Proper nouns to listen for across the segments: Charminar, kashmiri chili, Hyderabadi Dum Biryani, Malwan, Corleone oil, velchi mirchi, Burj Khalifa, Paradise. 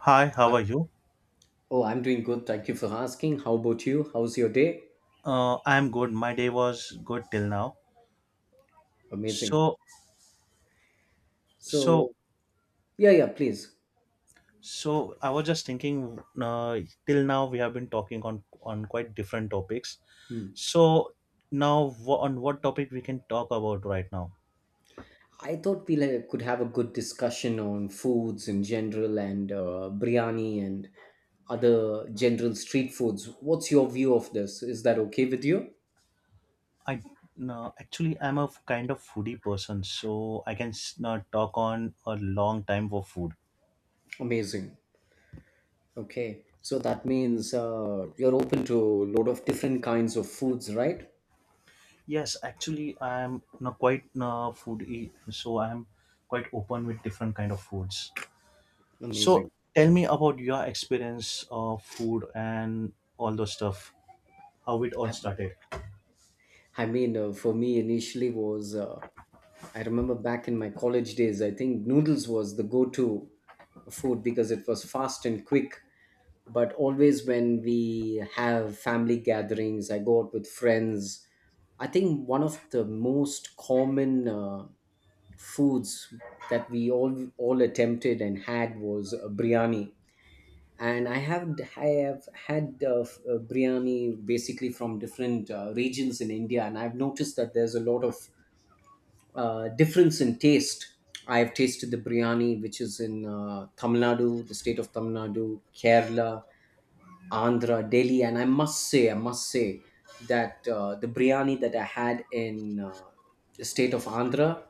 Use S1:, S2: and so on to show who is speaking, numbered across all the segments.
S1: Hi, how
S2: Hi.
S1: are you?
S2: Oh, I'm doing good. Thank you for asking. How about you? How's your day?
S1: I'm good. My day was good till now.
S2: Amazing.
S1: So, so,
S2: So, yeah, yeah, please.
S1: so, I was just thinking. Till now, we have been talking on quite different topics.
S2: Hmm.
S1: So now, on what topic we can talk about right now?
S2: I thought we like, could have a good discussion on foods in general and biryani and other general street foods. What's your view of this? Is that okay with you?
S1: I No, actually I'm a kind of foodie person, so I can talk on a long time for food.
S2: Amazing. Okay. So that means you're open to a lot of different kinds of foods, right?
S1: Yes, actually I'm not quite foodie, so I'm quite open with different kind of foods. So
S2: Amazing.
S1: tell me about your experience of food and all those stuff, how it all
S2: I,
S1: started.
S2: for me initially was I remember back in my college days, I think noodles was the go to food because it was fast and quick. But always when we have family gatherings, I go out with friends. I think one of the most common foods that we all attempted and had was a biryani. And I have had biryani basically from different regions in India, and I've noticed that there's a lot of difference in taste. I have tasted the biryani, which is in Tamil Nadu, the state of Tamil Nadu, Kerala, Andhra, Delhi, and I must say that the biryani that I had in the state of Andhra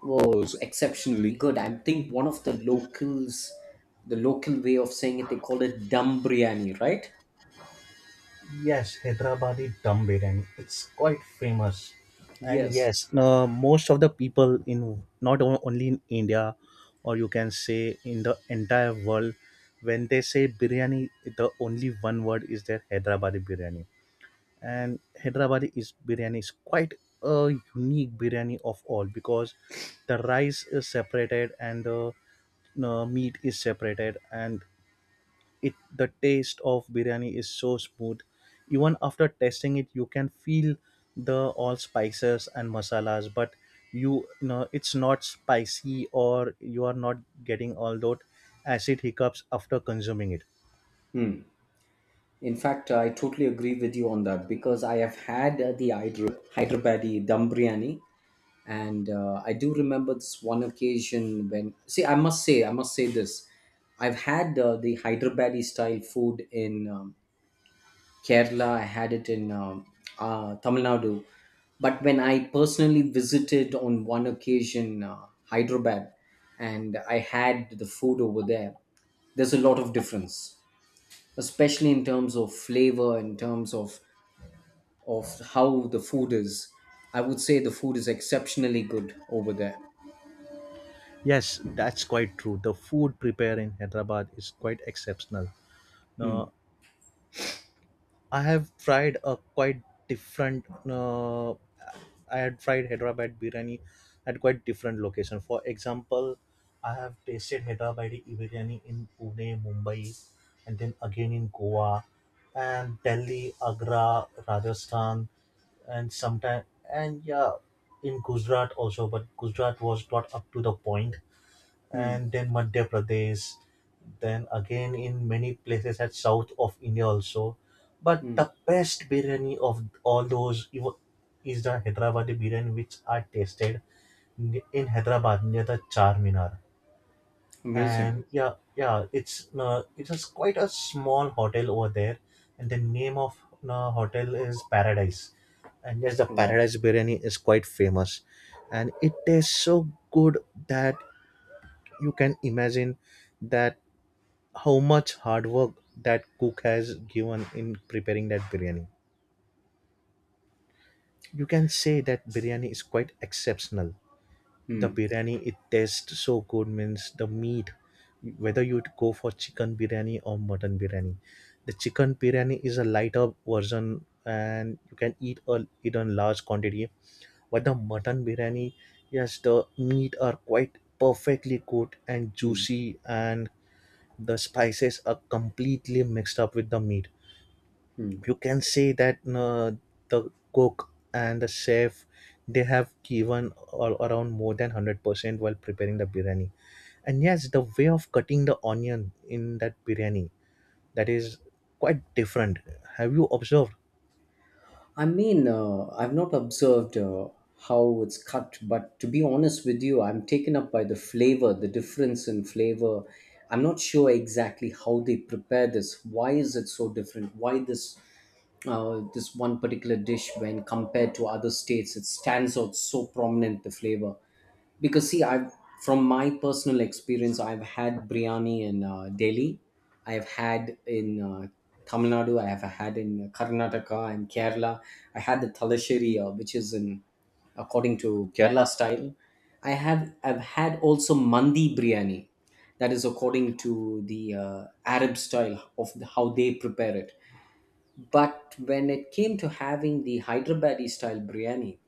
S2: was exceptionally good. I think one of the locals, the local way of saying it, they call it dum biryani, right?
S1: Yes, Hyderabadi Dum Biryani. It's quite famous. And
S2: Yes.
S1: yes, most of the people in not only in India or you can say in the entire world, when they say biryani, the only one word is their Hyderabadi biryani. And Hyderabadi is biryani is quite a unique biryani of all because the rice is separated and the meat is separated, and it the taste of biryani is so smooth. Even after tasting it you can feel the all spices and masalas, but you know it's not spicy, or you are not getting all those acid hiccups after consuming it.
S2: Hmm. In fact, I totally agree with you on that because I have had the Hyderabadi dum biryani, and I do remember this one occasion when. See, I must say this. I've had the Hyderabadi style food in Kerala. I had it in Tamil Nadu, but when I personally visited on one occasion Hyderabad, and I had the food over there, there's a lot of difference, especially in terms of flavor, in terms of how the food is. I would say the food is exceptionally good over there.
S1: Yes, that's quite true, the food prepared in Hyderabad is quite exceptional.
S2: Hmm.
S1: Uh, I have tried a quite different. I had tried Hyderabad biryani at quite different location. For example, I have tasted Hyderabadi biryani in Pune, Mumbai, and then again in Goa, and Delhi, Agra, Rajasthan, and sometime and yeah, in Gujarat also. But Gujarat was not up to the point,
S2: Hmm.
S1: and then Madhya Pradesh, then again in many places at south of India also. But
S2: Hmm.
S1: the best biryani of all those is the Hyderabadi biryani, which I tasted in Hyderabad near the Charminar.
S2: Amazing.
S1: And yeah, yeah, it's just quite a small hotel over there, and the name of the hotel is Paradise. And yes, the
S2: Wow.
S1: Paradise biryani is quite famous, and it tastes so good that you can imagine that how much hard work that cook has given in preparing that biryani. You can say that biryani is quite exceptional. The
S2: Hmm.
S1: biryani it tastes so good means the meat, whether you go for chicken biryani or mutton biryani. The chicken biryani is a lighter version and you can eat a it in large quantity, but the mutton biryani, yes, the meat are quite perfectly good and
S2: Hmm.
S1: juicy, and the spices are completely mixed up with the meat.
S2: Hmm.
S1: You can say that the cook and the chef, they have given all around more than 100% while preparing the biryani. And yes, the way of cutting the onion in that biryani, that is quite different. Have you observed?
S2: I mean, I've not observed how it's cut, but to be honest with you, I'm taken up by the flavor, the difference in flavor. I'm not sure exactly how they prepare this. Why is it so different? Why this this one particular dish, when compared to other states, it stands out so prominent the flavor. Because see I've from my personal experience I've had biryani in Delhi, I've had in Tamil Nadu, I have had in Karnataka and Kerala. I had the Talasheri, which is in, according to Kerala style. I've had also Mandi biryani, that is according to the Arab style of the, how they prepare it. But when it came to having the Hyderabadi style biryani,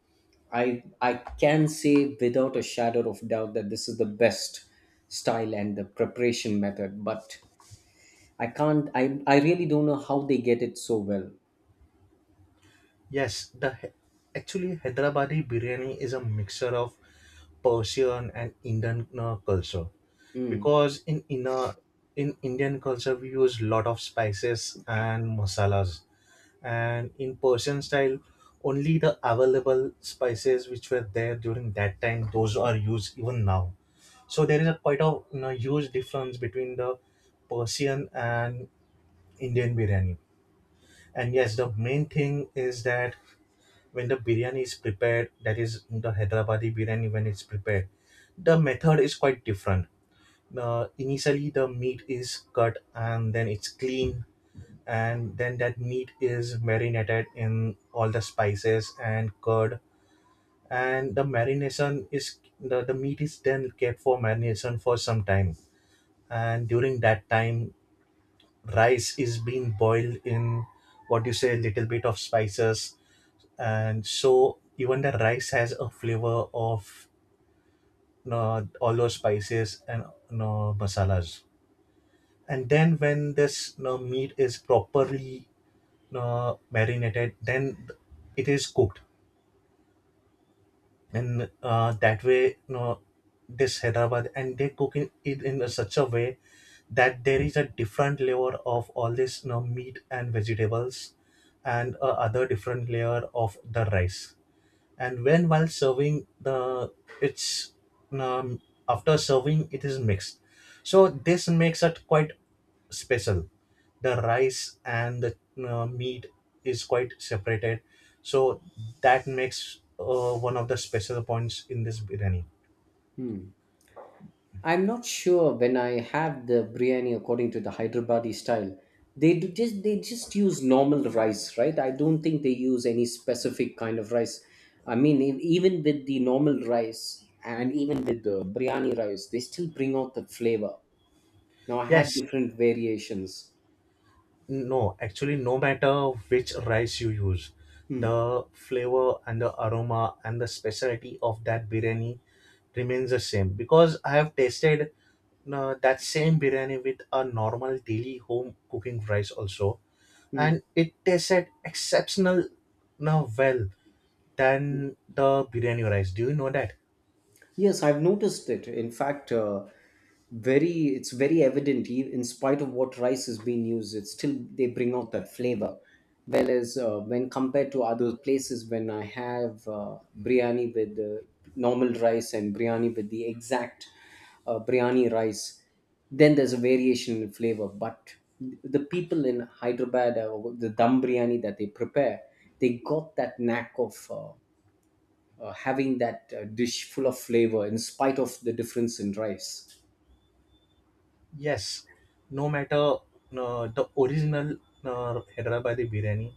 S2: I can say without a shadow of doubt that this is the best style and the preparation method, but I can't, I really don't know how they get it so well.
S1: Yes, actually Hyderabadi biryani is a mixture of Persian and Indian culture,
S2: Mm,
S1: because in Indian culture we use lot of spices and masalas, and in Persian style only the available spices which were there during that time, those are used even now. So there is a quite a huge difference between the Persian and Indian biryani. And yes, the main thing is that when the biryani is prepared, that is the Hyderabadi biryani, when it's prepared, the method is quite different. Initially, the meat is cut and then it's cleaned, and then that meat is marinated in all the spices and curd. And the marination is the, meat is then kept for marination for some time. And during that time, rice is being boiled in what you say, little bit of spices, and so even the rice has a flavor of all those spices and masalas. And then when this meat is properly marinated, then it is cooked, and that way this Hyderabad and they cook it in a such a way that there is a different layer of all this meat and vegetables, and a other different layer of the rice. And when while serving the it's um, after serving it is mixed, so this makes it quite special. The rice and the meat is quite separated, so that makes one of the special points in this biryani.
S2: mm. I'm not sure when I have the biryani according to the Hyderabadi style. They just use normal rice, right? I don't think they use any specific kind of rice. I mean, even with the normal rice and even with the biryani rice, they still bring out the flavor. Now I had
S1: Yes.
S2: different variations.
S1: No, actually, no matter which rice you use,
S2: Hmm.
S1: the flavor and the aroma and the specialty of that biryani remains the same. Because I have tasted that same biryani with a normal daily home cooking rice also,
S2: Hmm.
S1: and it tasted exceptional now well than the biryani rice. Do you know that?
S2: Yes, I've noticed it. In fact, very it's very evident. In spite of what rice is being used, it's still they bring out that flavor. Whereas when compared to other places, when I have biryani with the normal rice and biryani with the exact biryani rice, then there's a variation in flavor. But the people in Hyderabad, the dum biryani that they prepare, they got that knack of. Having that dish full of flavor in spite of the difference in rice.
S1: Yes, no matter the original Hyderabadi by the biryani,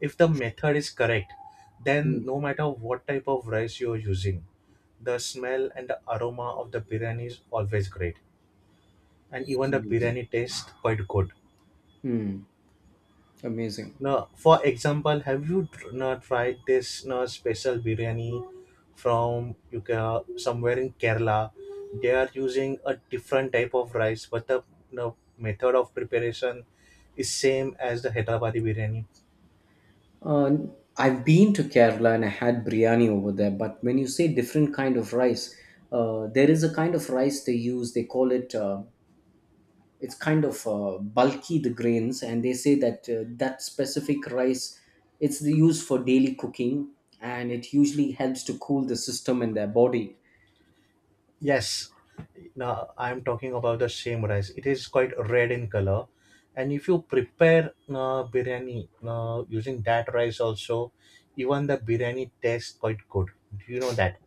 S1: if the method is correct, then
S2: Mm,
S1: no matter what type of rice you're using, the smell and the aroma of the biryani is always great, and even the
S2: amazing.
S1: biryani tastes quite good.
S2: Hmm, amazing.
S1: No, for example, have you no, tried this no, special biryani from somewhere in Kerala? They are using a different type of rice, but the no, method of preparation is same as the Hyderabadi biryani.
S2: Uh, I've been to Kerala and I had biryani over there, but when you say different kind of rice, there is a kind of rice they use. They call it. It's kind of bulky the grains, and they say that that specific rice, it's used for daily cooking, and it usually helps to cool the system in their body.
S1: Yes, now I'm talking about the same rice. It is quite red in color, and if you prepare no, biryani no, using that rice also, even the biryani tastes quite good. Do you know that?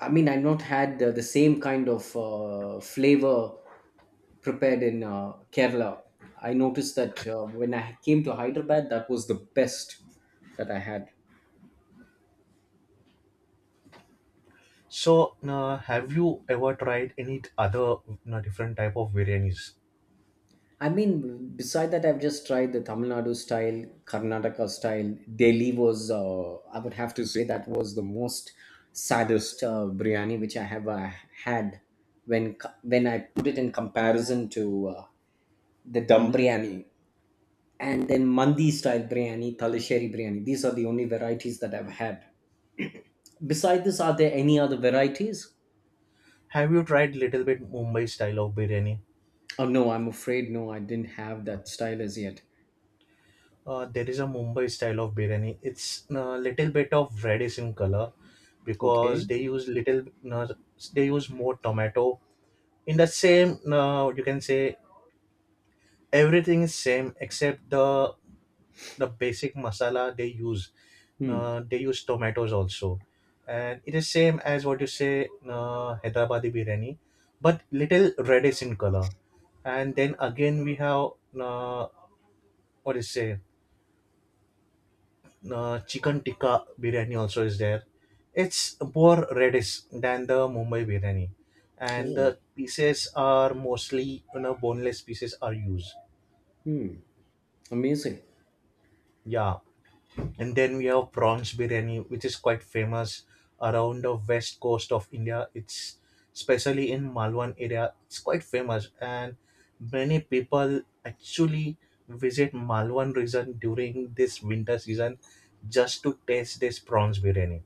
S2: I mean, I've not had the same kind of flavor prepared in Kerala. I noticed that when I came to Hyderabad, that was the best that I had.
S1: So, have you ever tried any other different type of biryanis?
S2: I mean, beside that, I've just tried the Tamil Nadu style, Karnataka style. Delhi was, I would have to say, that was the most saddest biryani which I have had when when I put it in comparison to the dum biryani. And then Mandi style biryani, Talisheri biryani. These are the only varieties that I've had. Beside this, are there any other varieties?
S1: Have you tried little bit Mumbai style of biryani?
S2: Oh no, I'm afraid no, I didn't have that style as yet.
S1: There is a Mumbai style of biryani. It's little bit of reddish in color
S2: Okay.
S1: because they use little uh, they use more tomato. In the same, you can say everything is same except the basic masala they use.
S2: Hmm.
S1: They use tomatoes also, and it is same as what you say, Hyderabadi biryani, but little reddish in color. And then again we have, uh, what is say, chicken tikka biryani also is there. It's more reddish than the Mumbai biryani, and the
S2: Oh.
S1: pieces are mostly boneless pieces are used.
S2: Hmm. Amazing.
S1: Yeah. And then we have prawns biryani, which is quite famous around the west coast of India. It's especially in Malwan area. It's quite famous, and many people actually visit Malwan region during this winter season just to taste this prawns biryani.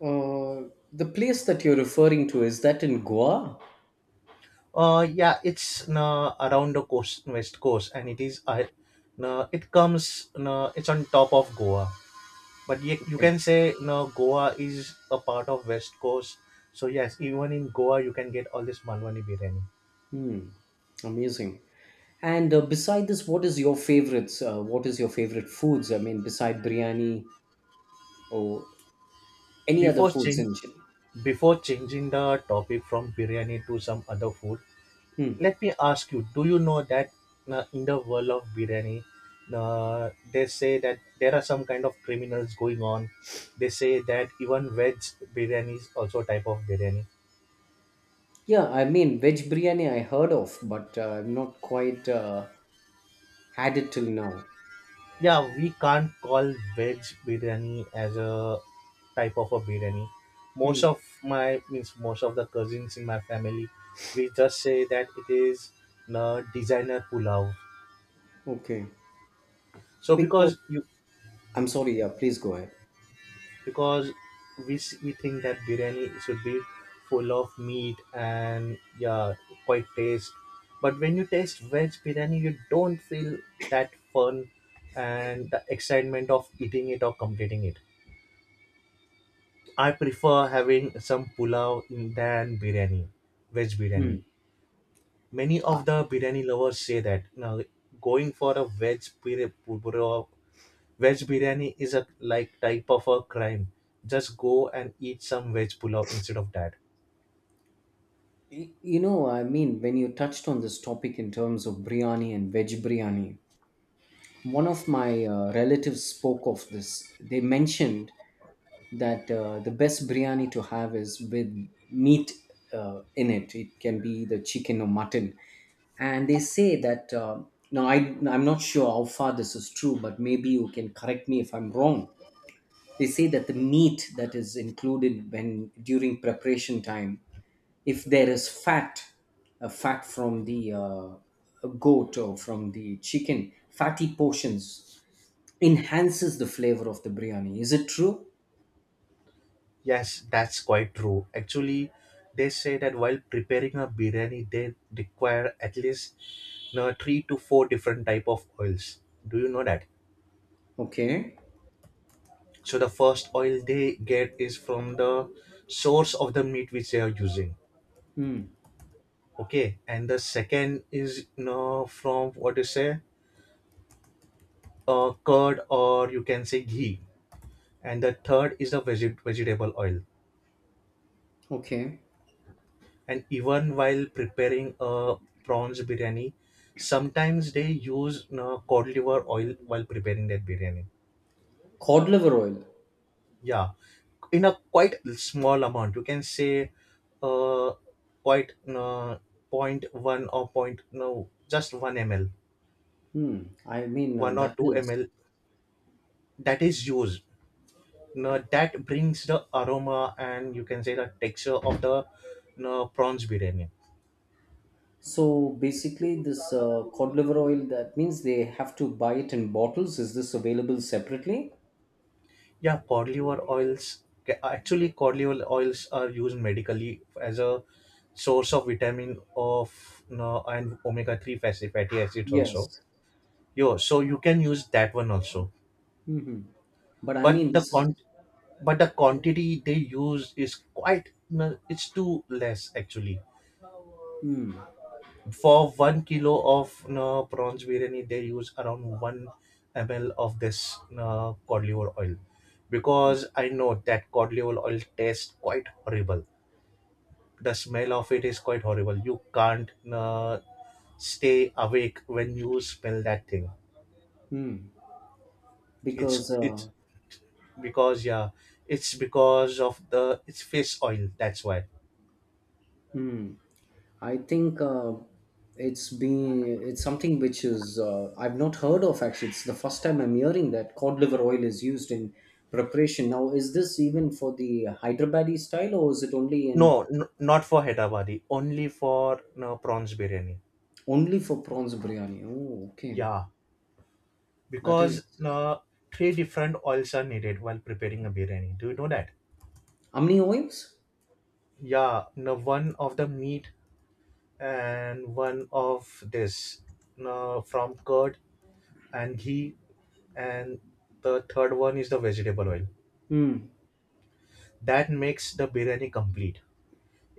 S2: The place that you're referring to is that in Goa?
S1: Yeah, it's around the coast, west coast, and it is it comes it's on top of Goa, but you
S2: Okay.
S1: can say Goa is a part of west coast. So yes, even in Goa you can get all this manwani biryani.
S2: Hmm. Amazing. And beside this, what is your favorites? What is your favorite foods? I mean, beside biryani or any other
S1: before
S2: foods
S1: change
S2: in general?
S1: Before changing the topic from biryani to some other food,
S2: Hmm.
S1: let me ask you, do you know that in the world of biryani they say that there are some kind of criminals going on? They say that even veg biryani is also a type of biryani.
S2: Yeah, I mean, veg biryani I heard of, but I've not quite had it till now.
S1: Yeah, we can't call veg biryani as a type of a biryani. Most
S2: Hmm.
S1: of my means most of the cousins in my family, we just say that it is a designer pulao.
S2: Okay.
S1: So
S2: Because
S1: because you,
S2: I'm sorry, yeah, please go ahead.
S1: because we we think that biryani should be full of meat and, yeah, quite taste. But when you taste veg biryani, you don't feel that fun and the excitement of eating it or completing it. I prefer having some pulao than biryani, veg
S2: Hmm.
S1: biryani. Many
S2: I,
S1: of the biryani lovers say that now going for a veg pulao, veg biryani is a like type of a crime. Just go and eat some veg pulao instead of that.
S2: you know, I mean, when you touched on this topic in terms of biryani and veg biryani, one of my relatives spoke of this. They mentioned that the best biryani to have is with meat in it. It can be the chicken or mutton. And they say that, now I'm not sure how far this is true, but maybe you can correct me if I'm wrong. They say that the meat that is included when during preparation time, if there is fat, a fat from the goat or from the chicken, fatty portions enhances the flavor of the biryani. Is it true?
S1: Yes, that's quite true. Actually, they say that while preparing a biryani, they require at least three to four different type of oils. Do you know that?
S2: Okay.
S1: So the first oil they get is from the source of the meat which they are using.
S2: Hmm.
S1: Okay, and the second is from what you say, curd or you can say ghee, and the third is the vegetable oil.
S2: Okay.
S1: And even while preparing a prawns biryani, sometimes they use cod liver oil while preparing that biryani.
S2: Cod liver oil.
S1: Yeah, in a quite small amount you can say, uh quite, point one or point no just 1 ml,
S2: Hmm. I mean,
S1: 1 or
S2: that
S1: 2
S2: is,
S1: ml that is used. Now that brings the aroma, and you can say the texture of the no, prawns biryani.
S2: so basically this cod liver oil, that means they have to buy it in bottles. Is this available separately?
S1: Yeah, cod liver oils actually cod liver oils are used medically as a source of vitamin of no, and omega-3 fatty acids also.
S2: Yes.
S1: Yo, so you can use that one also.
S2: Hmm. But I
S1: but
S2: mean,
S1: the
S2: this is.
S1: con but the quantity they use is quite, no, it's too less actually.
S2: Hmm.
S1: For 1 kilo of, no, prawns biryani they use around 1 ml of this, no, cod liver oil. Because I know that cod liver oil tastes quite horrible. The smell of it is quite horrible. You can't, no, stay awake when you smell that thing.
S2: Hmm.
S1: it's
S2: Because
S1: it's because, yeah, it's because of the, it's fish oil, that's why.
S2: hmm. I think it's been it's something which is I've not heard of actually. It's the first time I'm hearing that cod liver oil is used in preparation. Now, is this even for the Hyderabadi style, or is it only in
S1: No, not for Hyderabadi, only for, no, prawns biryani.
S2: only for prawns biryani? Oh, okay.
S1: Yeah,
S2: That is
S1: because, no, three different oils are needed while preparing a biryani. Do you know that?
S2: how many oils?
S1: Yeah, no, one of the meat, and one of this, no, from curd and ghee, and the third one is the vegetable oil.
S2: Hmm.
S1: That makes the biryani complete.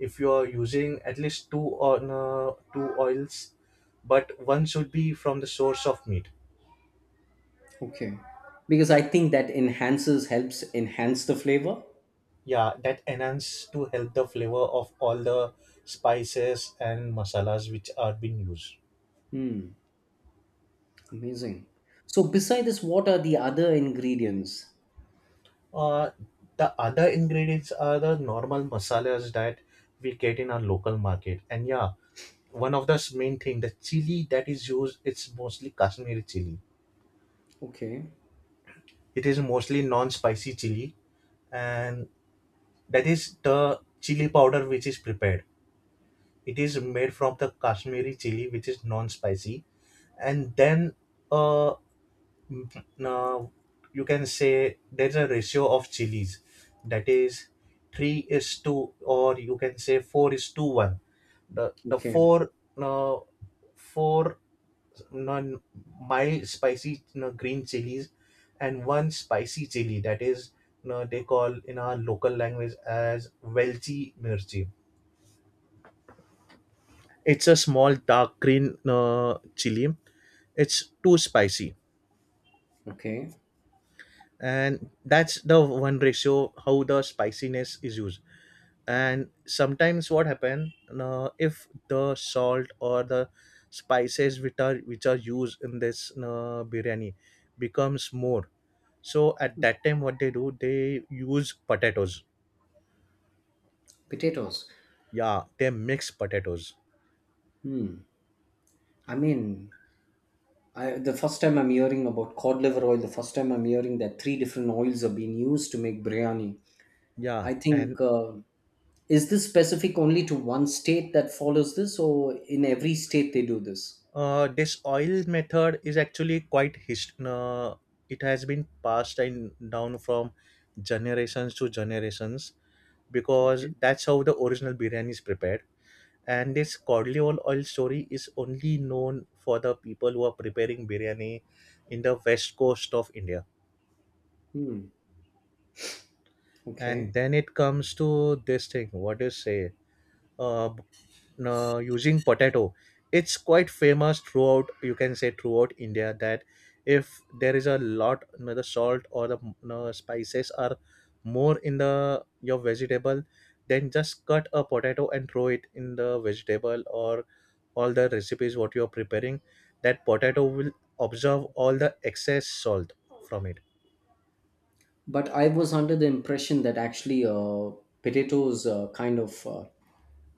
S1: If you are using at least two or, no, two oils, but one should be from the source of meat.
S2: Okay. Because I think that enhances helps enhance the flavor.
S1: Yeah, that enhance to help the flavor of all the spices and masalas which are being used.
S2: Hmm. Amazing. So, beside this, what are the other ingredients?
S1: uh, the other ingredients are the normal masalas that we get in our local market, and yeah, one of the main thing, the chili that is used, it's mostly Kashmiri chili.
S2: Okay.
S1: It is mostly non-spicy chili, and that is the chili powder which is prepared. It is made from the Kashmiri chili which is non-spicy. And then, uh, now, you can say there's a ratio of chilies, that is 3 is to, or you can say 4 is to 1. The the
S2: Okay.
S1: 4 uh, 4 non, mild spicy, green chilies, and one spicy chili that is, they call in our local language as velchi mirchi. It's a small dark green, uh, chili. It's too spicy.
S2: Okay,
S1: And that's the one ratio how the spiciness is used. And sometimes what happen, if the salt or the spices which are used in this, biryani becomes more, so at that time what they do, they use potatoes.
S2: potatoes.
S1: Yeah, they mix potatoes.
S2: Hmm. I mean, the first time I'm hearing about cod liver oil, the first time I'm hearing that three different oils are being used to make biryani.
S1: Yeah,
S2: I
S1: and,
S2: think is this specific only to one state that follows this, or in every state they do this?
S1: this oil method is actually quite, it has been passed in, down from generations to generations, because
S2: Okay.
S1: that's how the original biryani is prepared. And this Corleone oil story is only known for the people who are preparing biryani in the west coast of India.
S2: Hmm.
S1: And
S2: Okay.
S1: then it comes to this thing. What do you say? Uh, Using potato, it's quite famous throughout, you can say, throughout India, that if there is a lot, the salt or the, spices are more in the, your vegetable, then just cut a potato and throw it in the vegetable, or all the recipes what you are preparing, that potato will absorb all the excess salt from it.
S2: But I was under the impression that actually potatoes kind of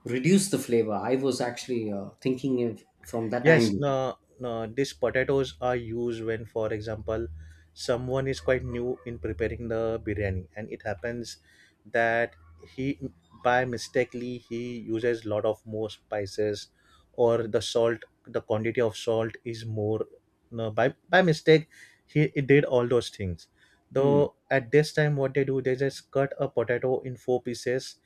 S2: reduce the flavor. I was actually thinking it from that
S1: Yes,
S2: angle.
S1: no, no, these potatoes are used when, for example, someone is quite new in preparing the biryani, and it happens that he, by mistakenly he uses lot of more spices, or the salt, the quantity of salt is more. No, by mistake, he did all those things.
S2: Hmm.
S1: Though at this time, what they do, they just cut a potato in four pieces,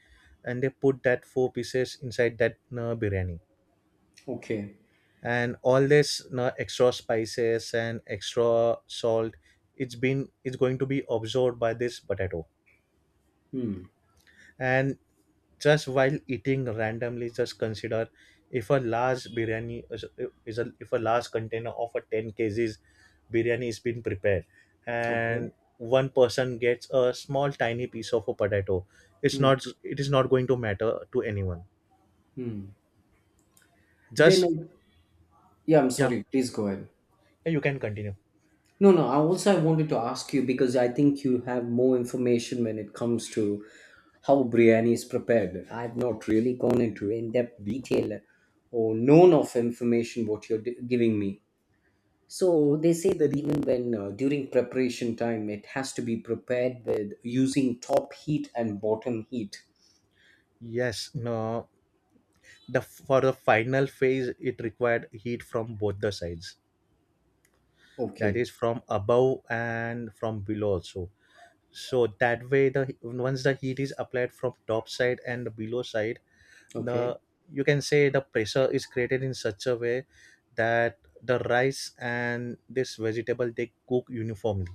S1: and they put that four pieces inside that, biryani,
S2: Okay.
S1: and all this, extra spices and extra salt, it's going to be absorbed by this potato.
S2: Hmm.
S1: And just while eating randomly, just consider if a large biryani if a large container of a 10 kgs biryani is being prepared, and
S2: Okay.
S1: one person gets a small tiny piece of a potato,
S2: Hmm.
S1: it is not going to matter to anyone,
S2: Then,
S1: just.
S2: I, yeah, I'm
S1: Yeah,
S2: sorry. Please go ahead.
S1: you can continue.
S2: No, no. I also I wanted to ask you because I think you have more information when it comes to how biryani is prepared. I've not really gone into in-depth detail or known of information what you're giving me. So they say that even when during preparation time, it has to be prepared with using top heat and bottom heat.
S1: Yes, no, the for the final phase it required heat from both the sides, that
S2: Okay.
S1: is from above and from below also. So that way, the once the heat is applied from top side and below side,
S2: Okay.
S1: the you can say the pressure is created in such a way that the rice and this vegetable they cook uniformly.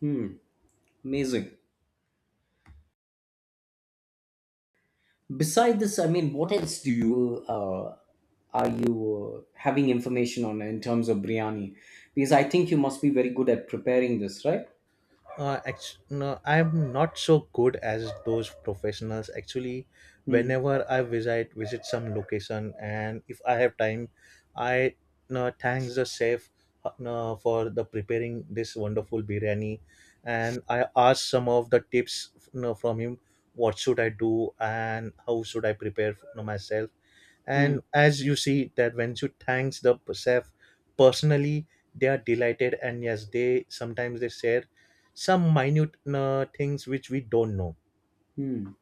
S2: Hmm. Amazing. Beside this, I mean, what else do you are you having information on in terms of biryani? Because I think you must be very good at preparing this, right?
S1: No, I'm not so good as those professionals. Actually,
S2: Hmm.
S1: whenever I visit some location, and if I have time, I, no, thanks the chef, no, for the preparing this wonderful biryani, and I ask some of the tips, no, from him. What should I do and how should I prepare, no, myself?
S2: Hmm.
S1: And as you see that when you thanks the chef personally, they are delighted, and yes, they sometimes they share some minute, things which we don't know.
S2: Hmm.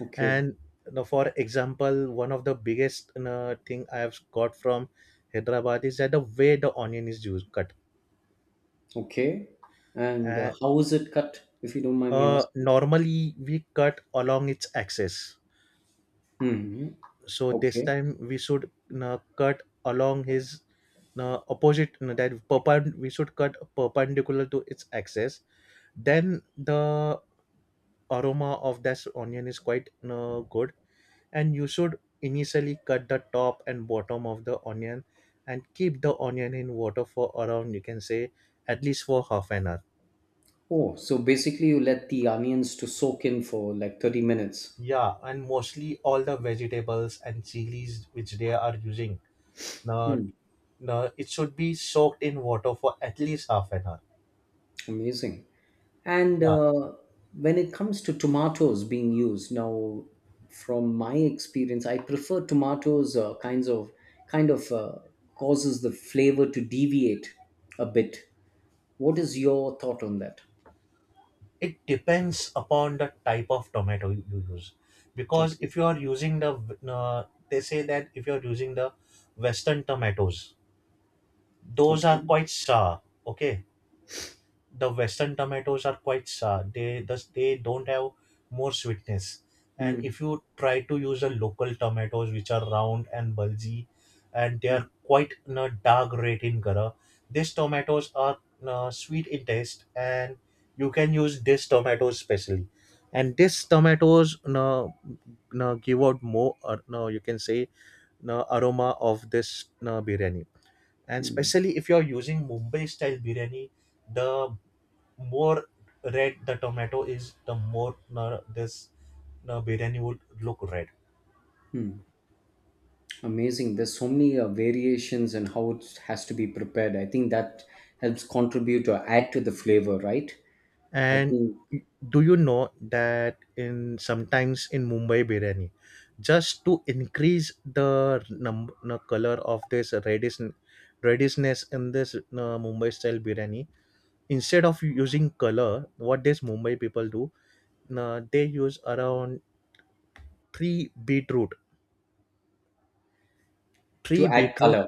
S2: Okay.
S1: And, for example, one of the biggest, thing I have got from Hyderabad is that the way the onion is used cut.
S2: Okay. And
S1: And,
S2: how is it cut? If you don't mind me asking.
S1: normally we cut along its axis.
S2: Hmm.
S1: So this
S2: Okay.
S1: time we should, cut along his, opposite, that we should cut perpendicular to its axis. Then the aroma of this onion is quite, good. And you should initially cut the top and bottom of the onion and keep the onion in water for around, you can say, at least for half an hour.
S2: Oh, so basically you let the onions to soak in for like 30 minutes.
S1: Yeah, and mostly all the vegetables and chilies which they are using now.
S2: Hmm.
S1: No, it should be soaked in water for at least half an hour.
S2: Amazing. And
S1: Yeah,
S2: when it comes to tomatoes being used, now from my experience, I prefer tomatoes kinds of kind of causes the flavor to deviate a bit. What is your thought on that?
S1: it depends upon the type of tomato you use. Because
S2: Okay.
S1: if you are using they say that if you are using the Western tomatoes, those are
S2: Okay.
S1: quite sour. Okay, the Western tomatoes are quite sour, they thus they don't have more sweetness. And
S2: Hmm.
S1: if you try to use the local tomatoes which are round and bulgy, and they
S2: Hmm.
S1: are quite, dark red in color. These tomatoes are, sweet in taste, and you can use these tomatoes specially. And these tomatoes, give out more, or no, you can say, aroma of this, biryani. And especially if you are using Mumbai style biryani, the more red the tomato is, the more, this, biryani would look red.
S2: Amazing. There's so many variations and how it has to be prepared. I think that helps contribute or add to the flavor, right? I
S1: And
S2: think
S1: do you know that in, sometimes in Mumbai biryani, just to increase the the color of this reddishness in this, Mumbai style biryani, instead of using color, what these Mumbai people do, they use around three beetroot,
S2: to
S1: three
S2: add
S1: beetroot,
S2: color.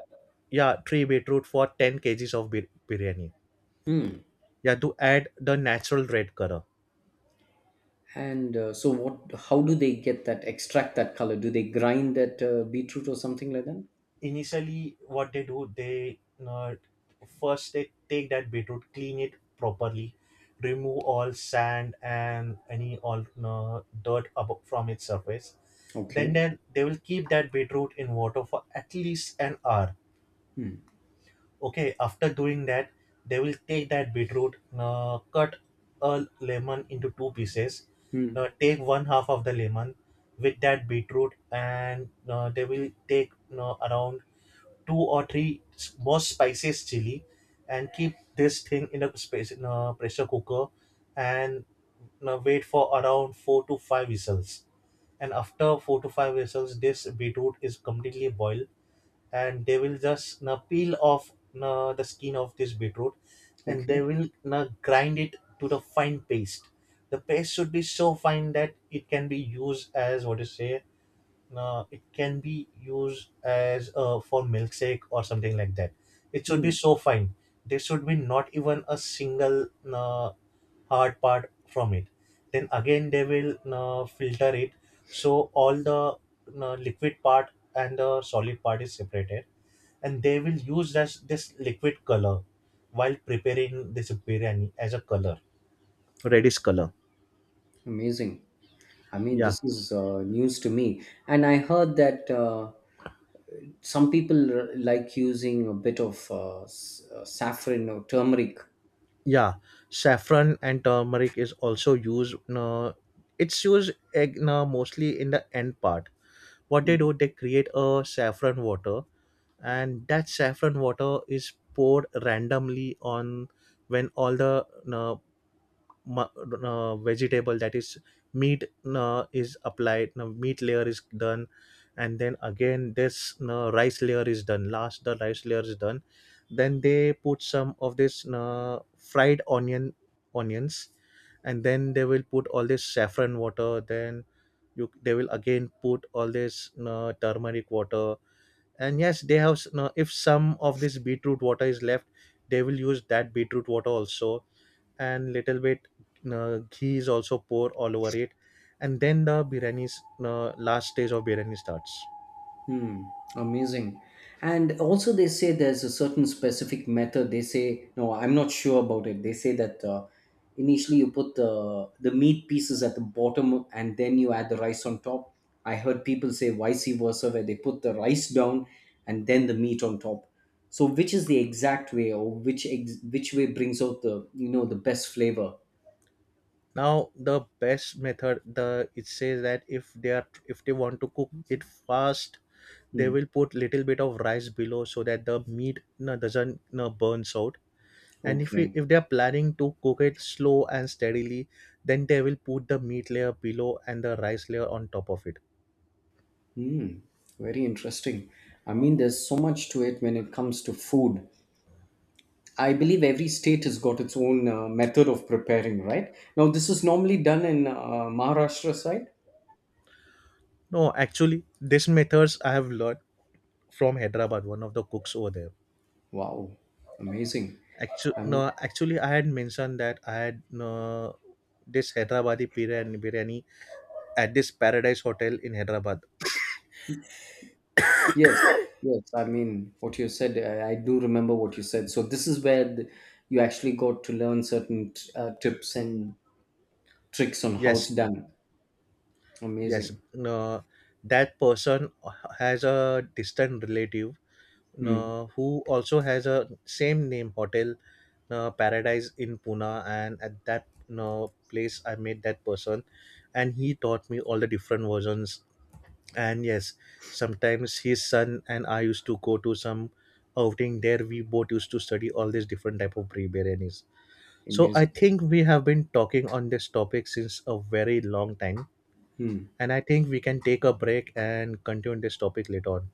S1: yeah, three beetroot for 10 kgs of biryani. Yeah, to add the natural red color.
S2: And so, what? How do they get that extract that color? Do they grind that beetroot or something like that?
S1: Initially what they do, they uh, first they take that beetroot, clean it properly, remove all sand and any all, dirt above from its surface. Then
S2: Okay.
S1: they will keep that beetroot in water for at least an hour.
S2: Hmm.
S1: Okay, after doing that they will take that beetroot, cut a lemon into two pieces.
S2: Hmm.
S1: Now take one half of the lemon with that beetroot, and, they will take, around two or three more spices, chili, and keep this thing in a space, in a pressure cooker, and, wait for around four to five whistles. And after four to five whistles, this beetroot is completely boiled, and they will just na peel off na the skin of this beetroot, and they
S2: Okay.
S1: will na grind it to the fine paste. The paste should be so fine that it can be used as, what you say, it can be used as, for milkshake or something like that. It should be
S2: Hmm.
S1: so fine. There should be not even a single, uh, hard part from it. Then again they will, filter it, so all the, liquid part and the solid part is separated, and they will use this liquid color while preparing this biryani as a color,
S2: Oh,
S1: reddish color.
S2: amazing. I mean,
S1: Yeah,
S2: this is news to me. And I heard that some people like using a bit of saffron or turmeric.
S1: yeah, saffron and turmeric is also used, it's used egg, mostly in the end part. What they
S2: Hmm.
S1: do, they create a saffron water, and that saffron water is poured randomly on, when all the, uh, mu- vegetable, that is meat, is applied, meat layer is done. And then again this, rice layer is done, last the rice layer is done. Then they put some of this, fried onions, and then they will put all this saffron water, then you they will again put all this, turmeric water, and yes they have if some of this beetroot water is left, they will use that beetroot water also. And little bit, ghee is also pour all over it, and then the biryani's, last stage of biryani starts.
S2: Hmm, amazing. And also, they say there's a certain specific method. They say, no, I'm not sure about it. They say that initially you put the meat pieces at the bottom and then you add the rice on top. I heard people say vice versa, where they put the rice down and then the meat on top. So, which is the exact way, or which which way brings out the you know the best flavor?
S1: Now the best method, the it says that if they want to cook it fast, they
S2: Hmm.
S1: will put little bit of rice below so that the meat, you doesn't, you burns out. And
S2: Okay.
S1: if they are planning to cook it slow and steadily, then they will put the meat layer below and the rice layer on top of it.
S2: Hmm. Very interesting. I mean, there's so much to it when it comes to food. I believe every state has got its own method of preparing, right? Now, this is normally done in Maharashtra side.
S1: No, actually these methods I have learned from Hyderabad, one of the cooks over there.
S2: Wow, amazing.
S1: Actually,
S2: I mean,
S1: no, actually, I had mentioned that I had, no, this Hyderabadi biryani at this Paradise Hotel in Hyderabad.
S2: yes, yes. I mean, what you said, I do remember what you said. So this is where the, you actually got to learn certain tips and tricks on how
S1: Yes,
S2: it's done.
S1: yes.
S2: Amazing.
S1: No, that person has a distant relative,
S2: Hmm.
S1: no, who also has a same name hotel, no, Paradise in Pune, and at that, no, place I met that person, and he taught me all the different versions, and yes, sometimes his son and I used to go to some outing there. We both used to study all these different type of tree biryanis. So I
S2: Amazing.
S1: think we have been talking on this topic since a very long time,
S2: Hmm.
S1: and I think we can take a break and continue this topic later on.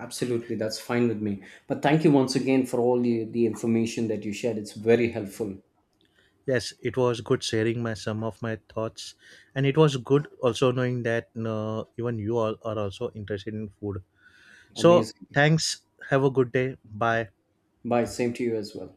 S2: Absolutely, that's fine with me. But thank you once again for all the information that you shared. It's very helpful.
S1: Yes, it was good sharing my some of my thoughts, and it was good also knowing that, even you all are also interested in food, so
S2: Amazing.
S1: thanks. Have a good day, bye.
S2: Bye. Same to you as well.